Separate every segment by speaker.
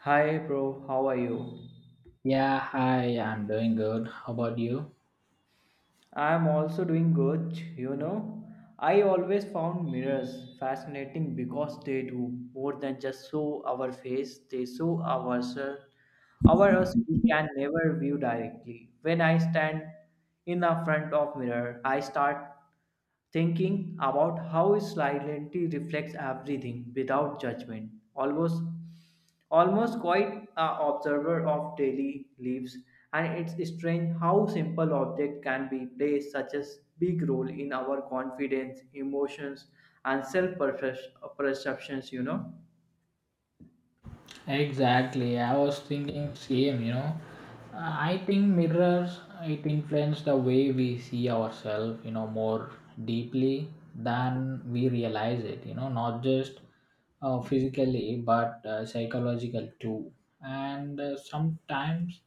Speaker 1: Hi, bro. How are you?
Speaker 2: Yeah, hi, I'm doing good. How about you?
Speaker 1: I'm also doing good. You know, I always found mirrors fascinating because they do more than just show our face, they show ourselves, our us we can never view directly. When I stand in the front of mirror, I start thinking about how silently reflects everything without judgment almost quite a observer of daily lives and it's strange how simple object can be play such a big role in our confidence emotions and self perceptions, you know.
Speaker 2: Exactly. I was thinking same, you know. I think mirrors it influence the way we see ourselves, you know, more deeply than we realize it, you know, not just physically but psychological too. And sometimes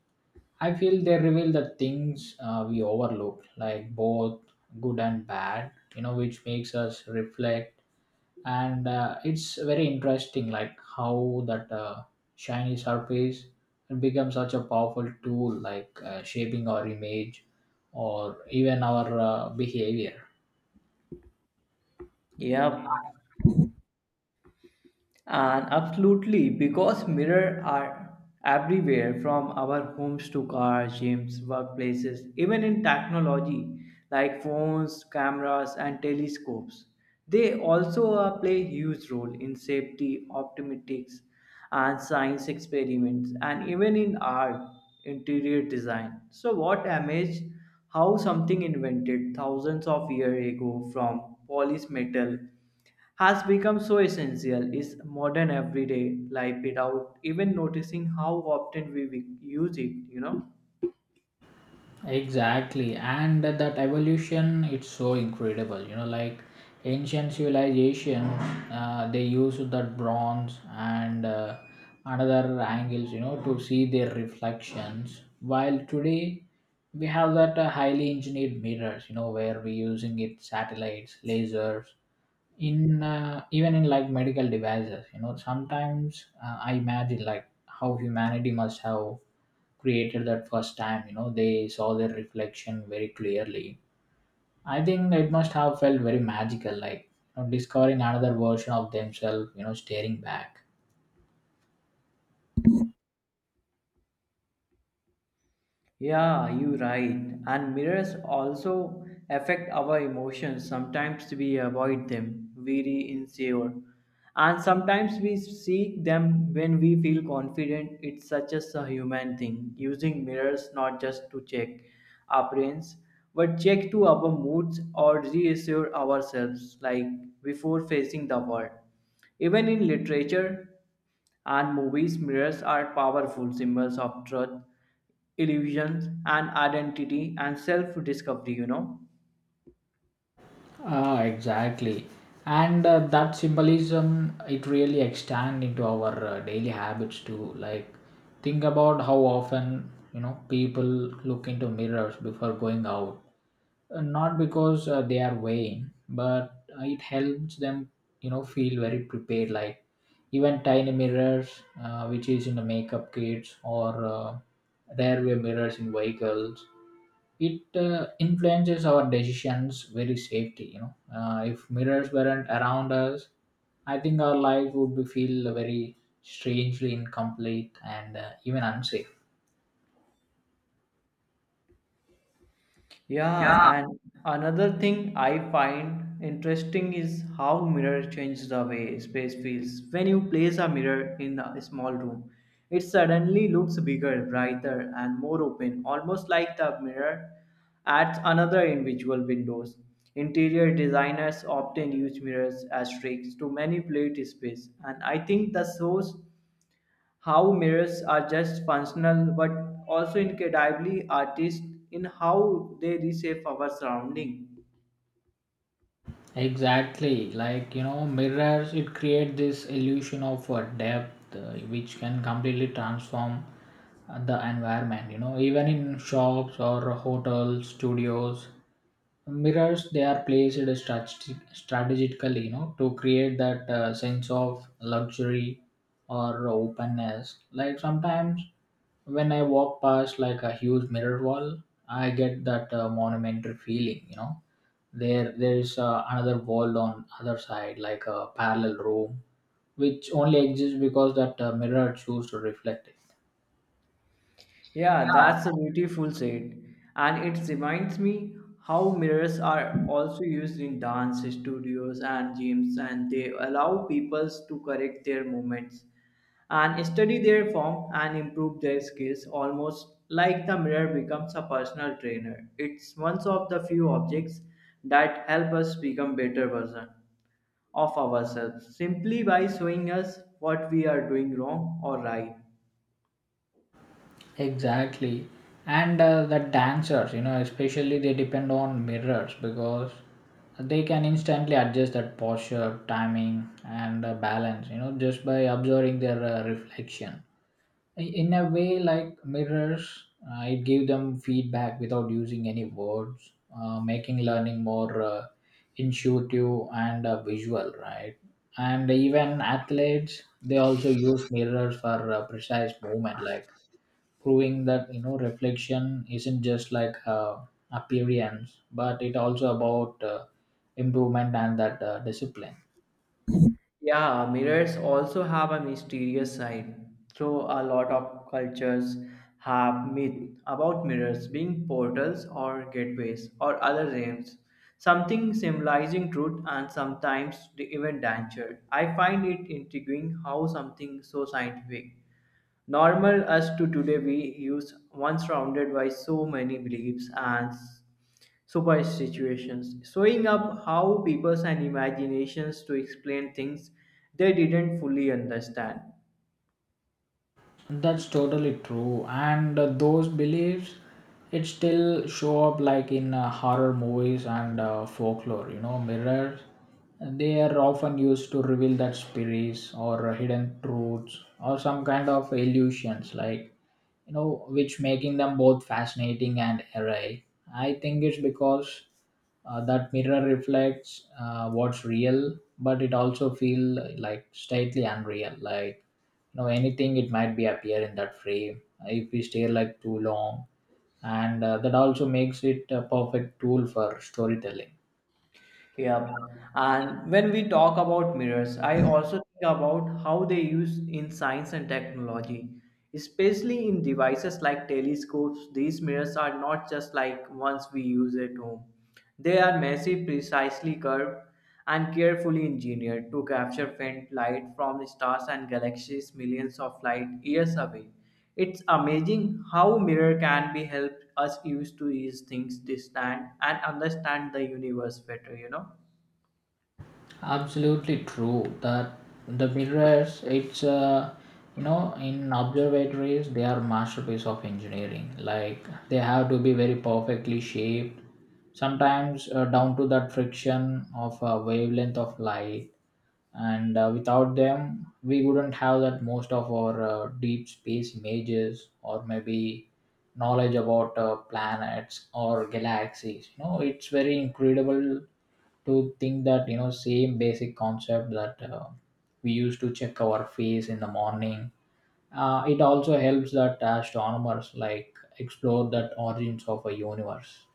Speaker 2: I feel they reveal the things we overlook, like both good and bad, you know, which makes us reflect. And it's very interesting, like how that shiny surface becomes such a powerful tool, like shaping our image or even our behavior.
Speaker 1: Yeah. And absolutely, because mirrors are everywhere from our homes to cars, gyms, workplaces, even in technology like phones, cameras, and telescopes. They also play huge role in safety, optometrics, and science experiments, and even in art, interior design. So, what image how something invented thousands of years ago from polished metal has become so essential is modern everyday life without even noticing how often we use it, you know.
Speaker 2: Exactly, and that evolution it's so incredible. You know, like ancient civilization, they use that bronze and another angles, you know, to see their reflections. While today we have that highly engineered mirrors, you know, where we're using it satellites, lasers, in even in like medical devices, you know, sometimes I imagine like how humanity must have created that first time, you know, they saw their reflection very clearly. I think it must have felt very magical, like, you know, discovering another version of themselves, you know, staring back.
Speaker 1: Yeah, you're right. And mirrors also affect our emotions. Sometimes we avoid them, we re insecure. And sometimes we seek them when we feel confident. It's such as a human thing, using mirrors not just to check appearance, but check to our moods or reassure ourselves, like before facing the world. Even in literature, and movies, mirrors are powerful symbols of truth, illusions, and identity and self discovery, you know.
Speaker 2: Ah, exactly. And that symbolism, it really extend into our daily habits too. Like, think about how often, you know, people look into mirrors before going out. Not because they are vain, but it helps them, you know, feel very prepared. Like, even tiny mirrors, which is in the makeup kits or rearview mirrors in vehicles, it influences our decisions very safety, you know. If mirrors weren't around us, I think our life would be feel very strangely incomplete and even unsafe. Yeah.
Speaker 1: Yeah, and another thing I find interesting is how mirror changes the way space feels. When you place a mirror in a small room, it suddenly looks bigger, brighter, and more open, almost like the mirror at another individual windows. Interior designers often use mirrors as tricks to manipulate space, and I think the source how mirrors are just functional but also incredibly artist in how they reshape our surrounding.
Speaker 2: Exactly, like, you know, mirrors it create this illusion of depth, which can completely transform the environment. You know, even in shops or hotels, studios, mirrors they are placed strategically. You know, to create that sense of luxury or openness. Like sometimes when I walk past like a huge mirror wall, I get that monumental feeling. You know there is another wall on other side like a parallel room which only exists because that mirror chose to reflect it.
Speaker 1: Yeah, that's a beautiful said. And it reminds me how mirrors are also used in dance studios and gyms and they allow people to correct their movements and study their form and improve their skills almost like the mirror becomes a personal trainer. It's one of the few objects that help us become better version of ourselves simply by showing us what we are doing wrong or right.
Speaker 2: Exactly, and the dancers, you know, especially they depend on mirrors because they can instantly adjust that posture timing and balance, you know, just by observing their reflection. In a way, like mirrors it gave them feedback without using any words, making learning more intuitive and visual, right? And even athletes they also use mirrors for precise movement, like proving that, you know, reflection isn't just like appearance but it also about improvement and that discipline.
Speaker 1: Yeah, mirrors also have a mysterious side. So, a lot of cultures have myth about mirrors being portals or gateways or other realms, something symbolizing truth and sometimes the even danger. I find it intriguing how something so scientific normal as to today we use one surrounded by so many beliefs and super situations, showing up how peoples and imaginations to explain things they didn't fully understand.
Speaker 2: That's totally true. And those beliefs, it still show up like in horror movies and folklore. You know, mirrors. They are often used to reveal that spirits or hidden truths or some kind of illusions, like, you know, which making them both fascinating and eerie. I think it's because that mirror reflects what's real, but it also feel like slightly unreal, like, you know, anything it might be appear in that frame if we stay like too long. And that also makes it a perfect tool for storytelling.
Speaker 1: Yeah. And when we talk about mirrors, I also think about how they use in science and technology, especially in devices like telescopes. These mirrors are not just like ones we use at home. They are massive, precisely curved, and carefully engineered to capture faint light from stars and galaxies millions of light years away. It's amazing how mirror can be help us used to these things distant and understand the universe better, you know.
Speaker 2: Absolutely true that the mirrors it's you know in observatories they are masterpiece of engineering, like they have to be very perfectly shaped sometimes down to that friction of a wavelength of light. And without them we wouldn't have that most of our deep space images or maybe knowledge about planets or galaxies, you know, it's very incredible to think that, you know, same basic concept that we used to check our face in the morning, it also helps that astronomers like explore that origins of a universe.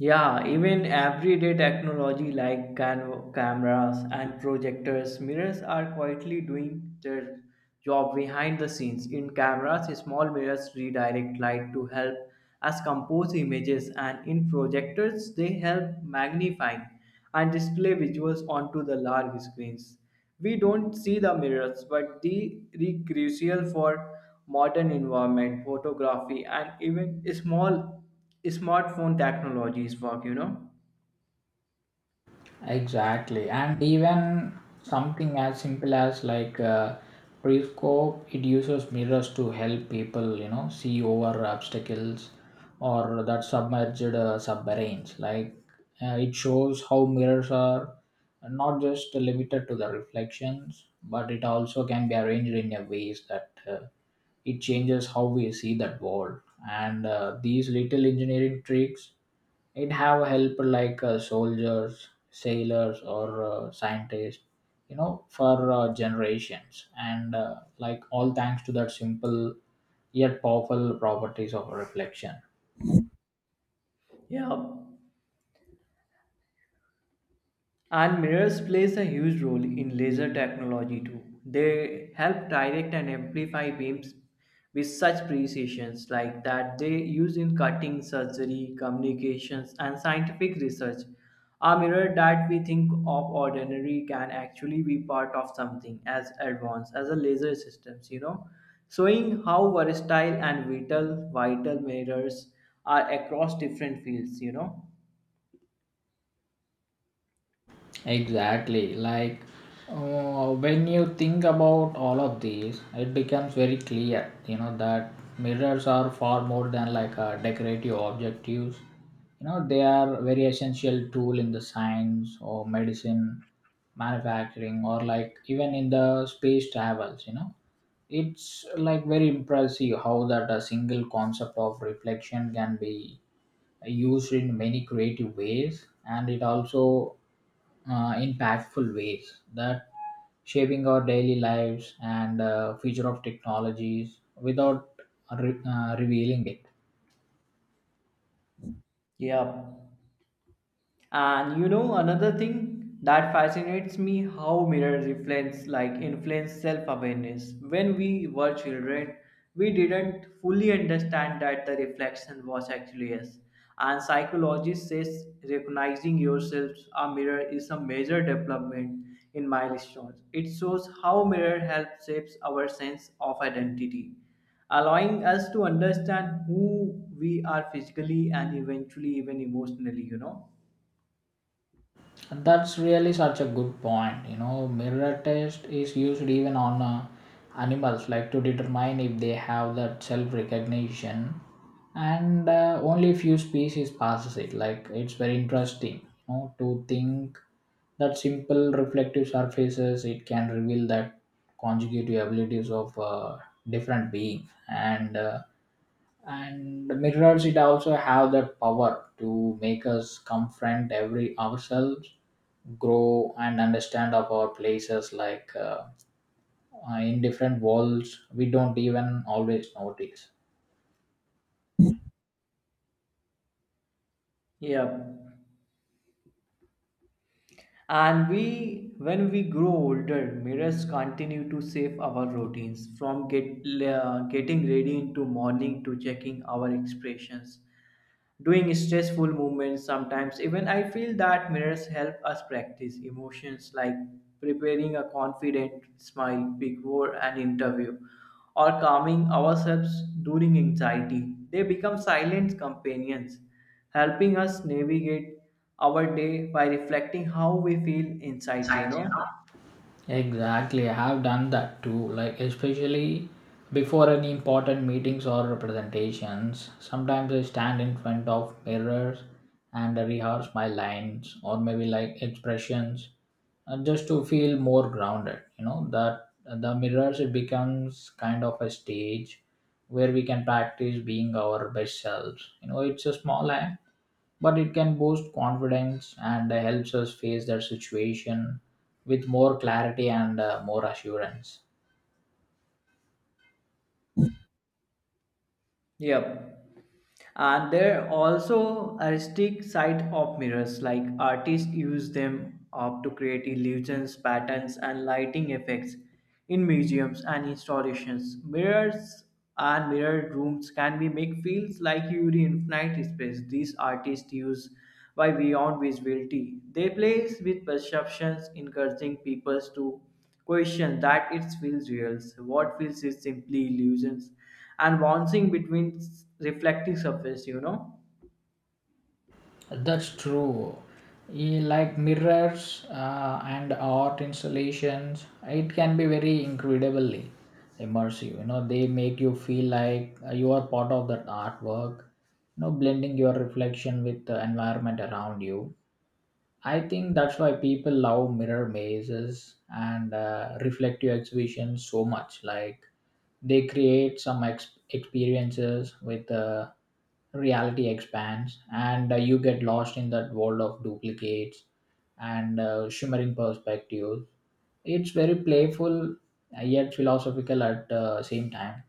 Speaker 1: Yeah, even everyday technology like cameras and projectors, mirrors are quietly doing their job behind the scenes. In cameras, small mirrors redirect light to help us compose images, and in projectors, they help magnify and display visuals onto the large screens. We don't see the mirrors, but they are crucial for modern environment, photography, and even small smartphone technologies work, you know.
Speaker 2: Exactly, and even something as simple as like pre-scope, it uses mirrors to help people, you know, see over obstacles or that submerged submarines. Like it shows how mirrors are not just limited to the reflections, but it also can be arranged in a ways that it changes how we see that world. And these little engineering tricks it have help like soldiers sailors or scientists, you know, for generations and like all thanks to that simple yet powerful properties of reflection.
Speaker 1: Yeah, and mirrors plays a huge role in laser technology too. They help direct and amplify beams with such precisions like that they use in cutting, surgery, communications, and scientific research. A mirror that we think of ordinary can actually be part of something as advanced as a laser systems, you know, showing how versatile and vital mirrors are across different fields, you know.
Speaker 2: Exactly. Like when you think about all of these, it becomes very clear, you know, that mirrors are far more than like a decorative objectives. You know, they are very essential tool in the science or medicine, manufacturing, or like even in the space travels. You know, it's like very impressive how that a single concept of reflection can be used in many creative ways, and it also impactful ways that shaping our daily lives and future of technologies without revealing it.
Speaker 1: Yeah. And you know another thing that fascinates me how mirrors influence self-awareness. When we were children, we didn't fully understand that the reflection was actually us. And psychologist says recognizing yourself a mirror is a major development in milestones. It shows how mirror helps shapes our sense of identity, allowing us to understand who we are physically and eventually even emotionally, you know.
Speaker 2: And that's really such a good point. You know, mirror test is used even on animals, like to determine if they have that self recognition. And only few species passes it. Like it's very interesting, you know, to think that simple reflective surfaces it can reveal that conjugative abilities of different being. And the mirrors it also have that power to make us confront every ourselves grow and understand of our places like in different worlds we don't even always notice.
Speaker 1: Yep. And when we grow older, mirrors continue to shape our routines from getting ready into morning to checking our expressions, doing stressful movements. Sometimes even I feel that mirrors help us practice emotions like preparing a confident smile before an interview or calming ourselves during anxiety. They become silent companions helping us navigate our day by reflecting how we feel inside, you
Speaker 2: Right.
Speaker 1: know.
Speaker 2: Exactly, I have done that too. Like especially before any important meetings or presentations, sometimes I stand in front of mirrors and rehearse my lines or maybe like expressions, just to feel more grounded. You know that the mirrors it becomes kind of a stage where we can practice being our best selves. You know, it's a small act but it can boost confidence and helps us face that situation with more clarity and more assurance.
Speaker 1: Yep. And there are also artistic side of mirrors, like artists use them up to create illusions, patterns, and lighting effects in museums and installations. Mirrors and mirrored rooms can be make feels like you're in infinite space. These artists use by beyond visibility. They play with perceptions, encouraging people to question that it feels real. What feels is simply illusions and bouncing between reflective surface, you know.
Speaker 2: That's true. Eh, like mirrors and art installations, it can be very incredibly immersive. You know, they make you feel like you are part of that artwork. You know, blending your reflection with the environment around you. I think that's why people love mirror mazes and reflective exhibitions so much. Like they create some experiences with reality expands, and you get lost in that world of duplicates and shimmering perspectives. It's very playful yet philosophical at the same time.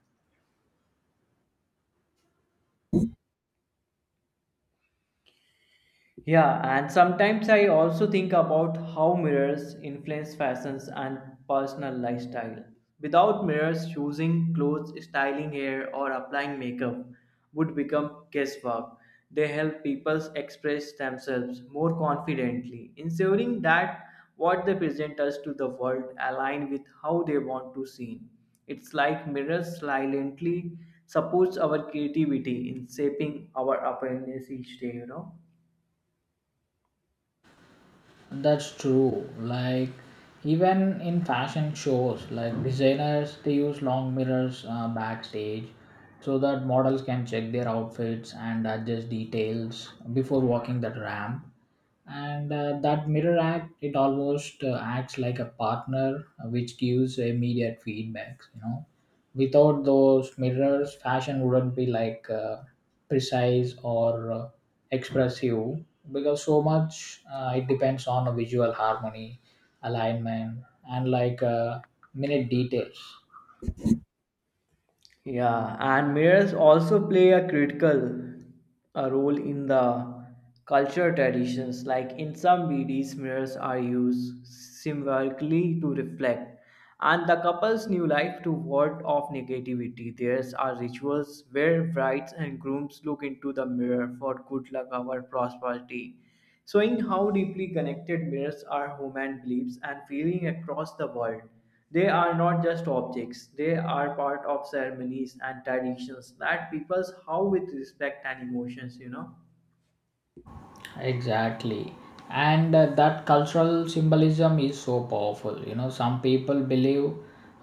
Speaker 1: Yeah, and sometimes I also think about how mirrors influence fashions and personal lifestyle. Without mirrors, choosing clothes, styling hair, or applying makeup would become guesswork. They help people express themselves more confidently, ensuring that what they present us to the world align with how they want to seen. It's like mirrors silently supports our creativity in shaping our appearance each day, you know.
Speaker 2: That's true. Like even in fashion shows, like designers they use long mirrors backstage so that models can check their outfits and adjust details before walking that ramp. And that mirror act it almost acts like a partner which gives immediate feedbacks, you know. Without those mirrors fashion wouldn't be like precise or expressive because so much it depends on a visual harmony alignment and like minute details.
Speaker 1: Yeah, and mirrors also play a critical role in the culture traditions. Like in some BDs, mirrors are used symbolically to reflect and the couple's new life to ward off negativity. There's are rituals where brides and grooms look into the mirror for good luck or prosperity showing how deeply connected mirrors are human beliefs and feeling across the world. They are not just objects, they are part of ceremonies and traditions that peoples how with respect and emotions, you know.
Speaker 2: Exactly. And that cultural symbolism is so powerful. You know, some people believe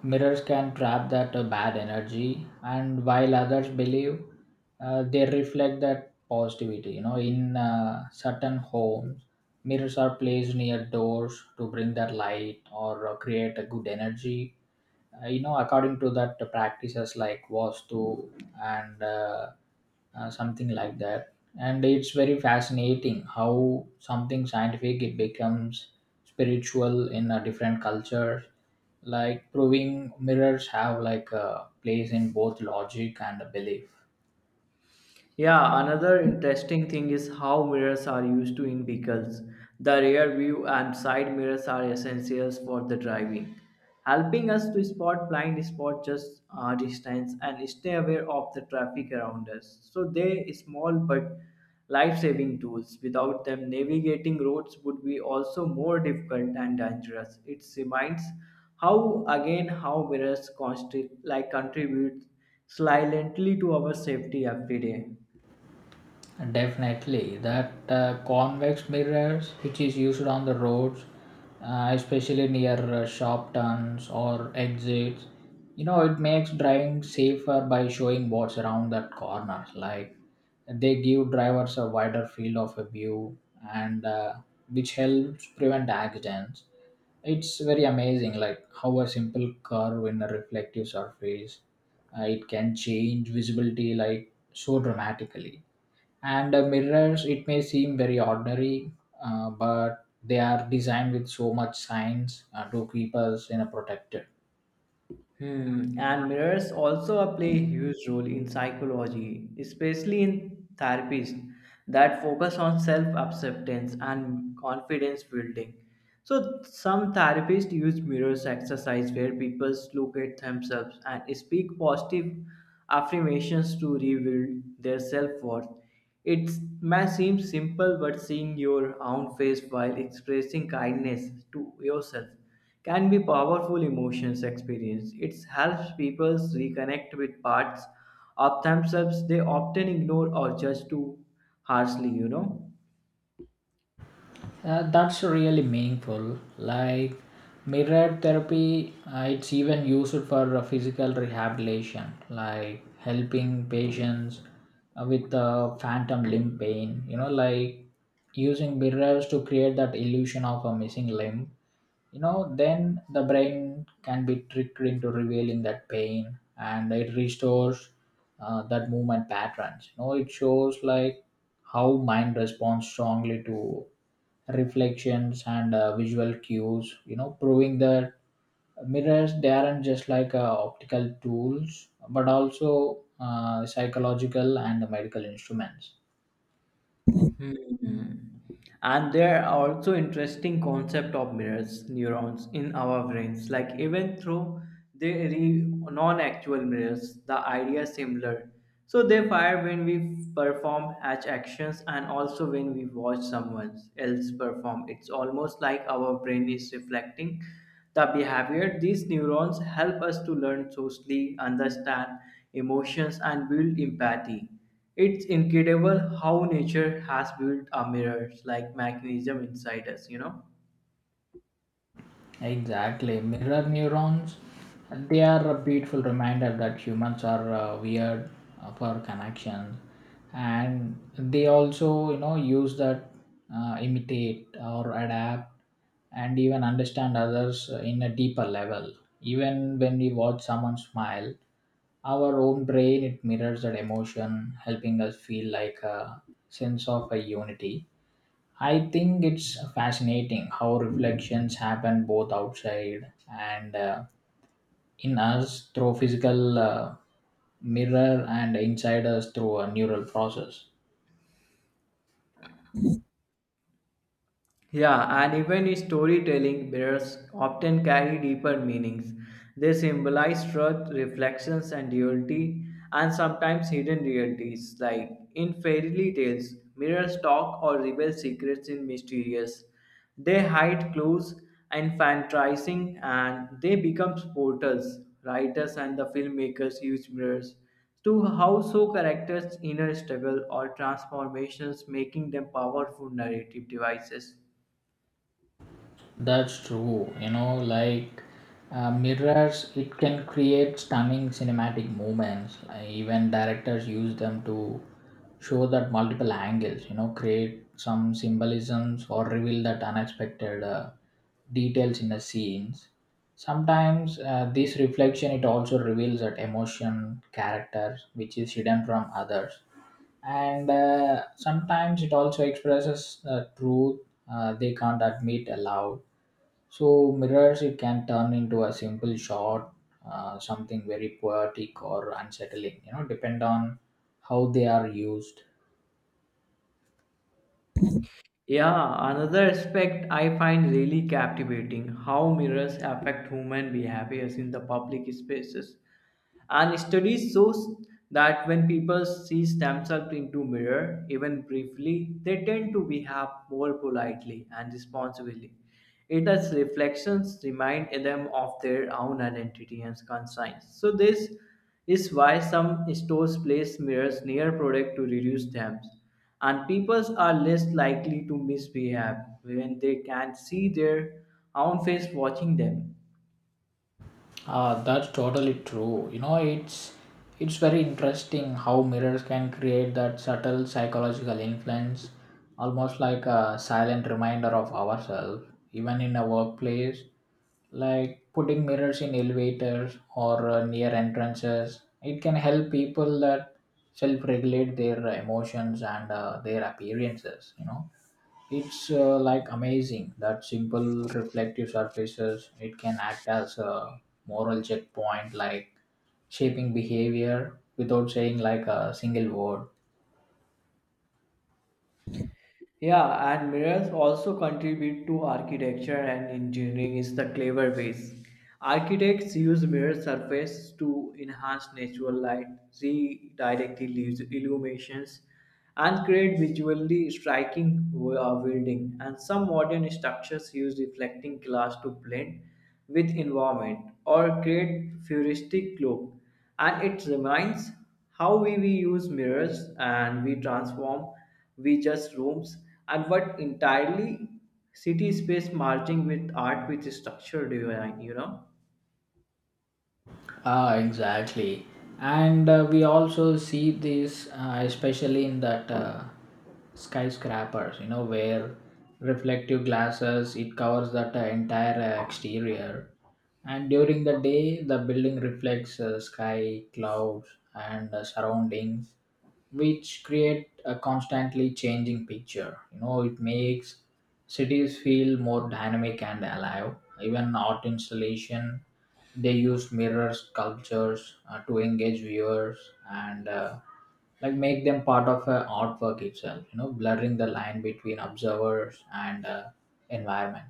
Speaker 2: mirrors can trap that bad energy, and while others believe they reflect that positivity. You know, in certain homes, mirrors are placed near doors to bring that light or create a good energy, you know, according to that the practices like vastu and something like that. And it's very fascinating how something scientific it becomes spiritual in a different culture, like proving mirrors have like a place in both logic and belief.
Speaker 1: Yeah, another interesting thing is how mirrors are used to in vehicles. The rear view and side mirrors are essentials for the driving, helping us to spot blind spots just distance and stay aware of the traffic around us. So they small but life-saving tools. Without them, navigating roads would be also more difficult and dangerous. It reminds how again how mirrors constantly like contribute silently to our safety every day.
Speaker 2: Definitely, that convex mirrors which is used on the roads, especially near sharp turns or exits, you know, it makes driving safer by showing what's around that corner. Like they give drivers a wider field of a view, and which helps prevent accidents. It's very amazing, like how a simple curve in a reflective surface, it can change visibility like so dramatically. And mirrors it may seem very ordinary, but they are designed with so much science to keep us in a protected.
Speaker 1: Hmm. And mirrors also a play a huge role in psychology, especially in therapists that focus on self acceptance and confidence building. So, some therapists use mirrors exercise where people look at themselves and speak positive affirmations to rebuild their self worth. It may seem simple, but seeing your own face while expressing kindness to yourself can be powerful emotions experience. It helps people reconnect with parts of themselves they often ignore or judge too harshly, you know.
Speaker 2: That's really meaningful, like mirror therapy, it's even used for physical rehabilitation, like helping patients with phantom limb pain, you know, like using mirrors to create that illusion of a missing limb. You know then the brain can be tricked into revealing that pain and it restores that movement patterns, you know, it shows like how mind responds strongly to reflections and visual cues, you know, proving that mirrors they aren't just like optical tools but also psychological and medical instruments.
Speaker 1: Hmm. And there are also interesting concept of mirrors neurons in our brains. Like even though they are non-actual mirrors, the idea is similar. So they fire when we perform such actions and also when we watch someone else perform. It's almost like our brain is reflecting the behavior. These neurons help us to learn socially, understand emotions, and build empathy. It's incredible how nature has built a mirrors like mechanism inside us, you know.
Speaker 2: Exactly. Mirror neurons, they are a beautiful reminder that humans are weird for connections. And they also, you know, use that, imitate or adapt and even understand others in a deeper level. Even when we watch someone smile, our own brain, it mirrors that emotion, helping us feel like a sense of a unity. I think it's fascinating how reflections happen both outside and in us through physical mirror, and inside us through a neural process.
Speaker 1: Yeah, and even storytelling, bears often carry deeper meanings. They symbolize truth, reflections, and duality, and sometimes hidden realities. Like in fairy tales, mirrors talk or reveal secrets in mysterious. They hide clues, infantilizing, and they become portals. Writers and the filmmakers use mirrors to how so characters' inner struggle or transformations, making them powerful narrative devices.
Speaker 2: That's true. You know, like mirrors, it can create stunning cinematic moments. Even directors use them to show that multiple angles, you know, create some symbolisms or reveal that unexpected details in the scenes. Sometimes this reflection it also reveals that emotion, character, which is hidden from others, and sometimes it also expresses truth they can't admit aloud, so mirrors it can turn into a simple shot, something very poetic or unsettling. You know, depend on how they are used.
Speaker 1: Yeah, another aspect I find really captivating how mirrors affect human behaviors in the public spaces. And studies shows that when people see themselves into mirror, even briefly, they tend to behave more politely and responsibly. It as reflections remind them of their own identity and conscience. So this is why some stores place mirrors near product to reduce them. And people are less likely to misbehave when they can see their own face watching them.
Speaker 2: Ah, that's totally true. You know, it's very interesting how mirrors can create that subtle psychological influence, almost like a silent reminder of ourselves, even in a workplace. Like putting mirrors in elevators or near entrances, it can help people that self-regulate their emotions and their appearances. You know, it's like amazing that simple reflective surfaces it can act as a moral checkpoint, like shaping behavior without saying like a single word.
Speaker 1: Yeah, and mirrors also contribute to architecture and engineering in the clever ways. Architects use mirror surface to enhance natural light, redirect illuminations, and create visually striking building. And some modern structures use reflecting glass to blend with environment or create futuristic look. And it reminds how we use mirrors and we transform we just rooms and what entirely city space merging with art with structure design, you know.
Speaker 2: Ah, exactly. And we also see this, especially in that skyscrapers, you know, where reflective glasses it covers that entire exterior, and during the day the building reflects sky, clouds, and surroundings, which create a constantly changing picture. You know, it makes cities feel more dynamic and alive. Even art installation, they use mirrors, sculptures to engage viewers and like make them part of artwork itself, you know, blurring the line between observers and environment.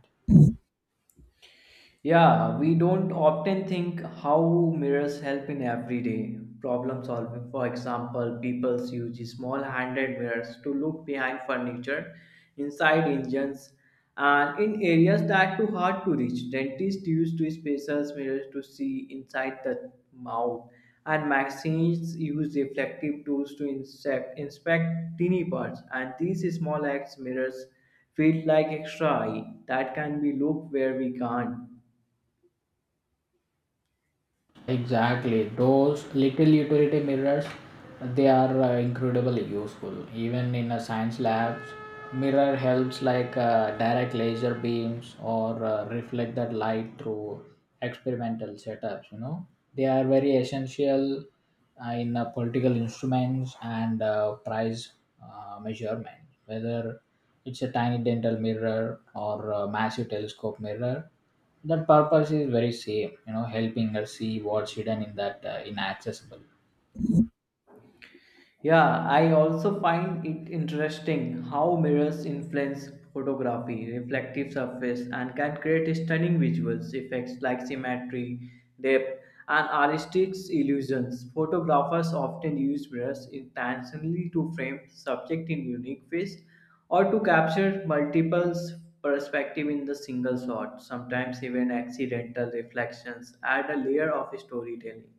Speaker 1: Yeah, we don't often think how mirrors help in everyday problem solving. For example, people use small handed mirrors to look behind furniture, inside engines, and in areas that too hard to reach. Dentists use two spaces mirrors to see inside the mouth, and machines use reflective tools to inspect tiny parts. And these small acts mirrors feel like extra eye that can be looked where we can't.
Speaker 2: Exactly. Those little utility mirrors, they are incredibly useful. Even in a science labs, mirror helps like direct laser beams or reflect that light through experimental setups. You know, they are very essential in political instruments and price measurement. Whether it's a tiny dental mirror or a massive telescope mirror, that purpose is very same, you know, helping her see what's hidden in that inaccessible.
Speaker 1: Yeah, I also find it interesting how mirrors influence photography, reflective surface, and can create stunning visuals effects like symmetry, depth, and artistic illusions. Photographers often use mirrors intentionally to frame subject in unique ways or to capture multiple perspective in the single shot. Sometimes even accidental reflections add a layer of storytelling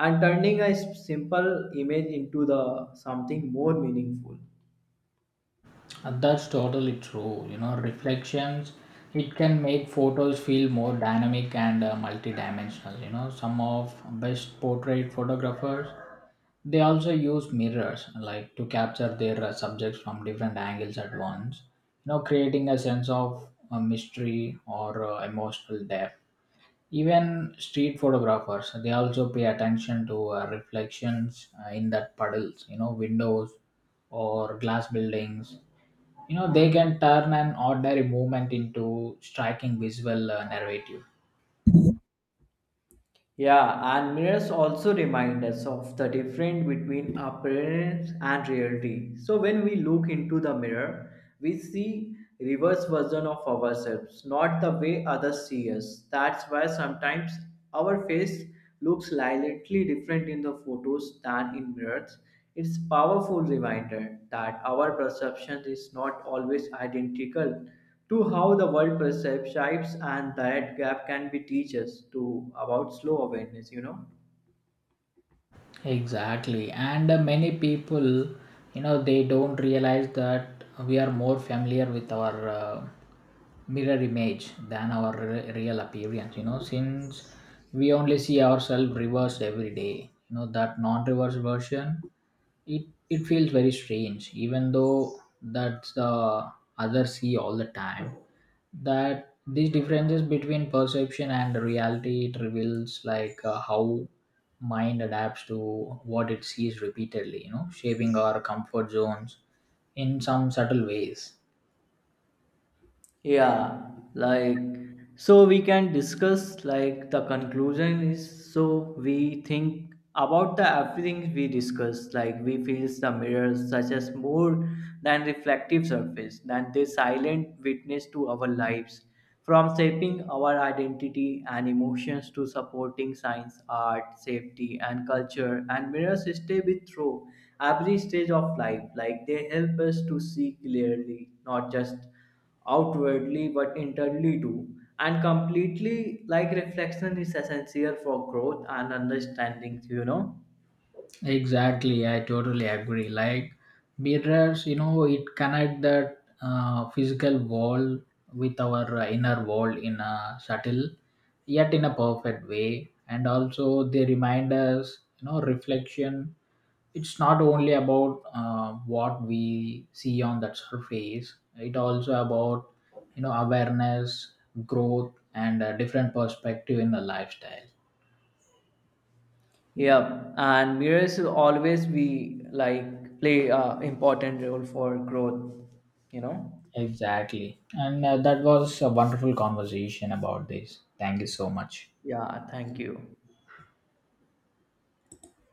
Speaker 1: and turning a simple image into the something more meaningful.
Speaker 2: And that's totally true, you know, reflections it can make photos feel more dynamic and multidimensional. You know, some of best portrait photographers, they also use mirrors like to capture their subjects from different angles at once, you know, creating a sense of mystery or emotional depth. Even street photographers, they also pay attention to reflections in that puddles, you know, windows or glass buildings. You know, they can turn an ordinary movement into striking visual narrative.
Speaker 1: Yeah, and mirrors also remind us of the difference between appearance and reality. So when we look into the mirror, we see reverse version of ourselves, not the way others see us. That's why sometimes our face looks slightly different in the photos than in mirrors. It's powerful reminder that our perception is not always identical to how the world perceives shapes and that gap can be teach us to about slow awareness, you know.
Speaker 2: Exactly. And many people, you know, they don't realize that we are more familiar with our mirror image than our real appearance, you know, since we only see ourselves reversed every day. You know, that non reverse version, it feels very strange, even though that's the others see all the time. That these differences between perception and reality, it reveals like how mind adapts to what it sees repeatedly, you know, shaping our comfort zones in some subtle ways.
Speaker 1: Yeah, like so we can discuss like the conclusion is so we think about the everything we discuss like we feel the mirrors such as more than reflective surface than they silent witness to our lives from shaping our identity and emotions to supporting science art safety and culture and mirrors stay with through every stage of life like they help us to see clearly not just outwardly but internally too and completely like reflection is essential for growth and understanding, you know.
Speaker 2: Exactly, I totally agree. Like mirrors, you know, it connect that physical wall with our inner wall in a subtle yet in a perfect way. And also they remind us, you know, reflection it's not only about what we see on that surface, it also about, you know, awareness, growth, and a different perspective in the lifestyle.
Speaker 1: Yep, and mirrors will always be like play a important role for growth, you know.
Speaker 2: Exactly. And that was a wonderful conversation about this. Thank you so much.
Speaker 1: Yeah, thank you.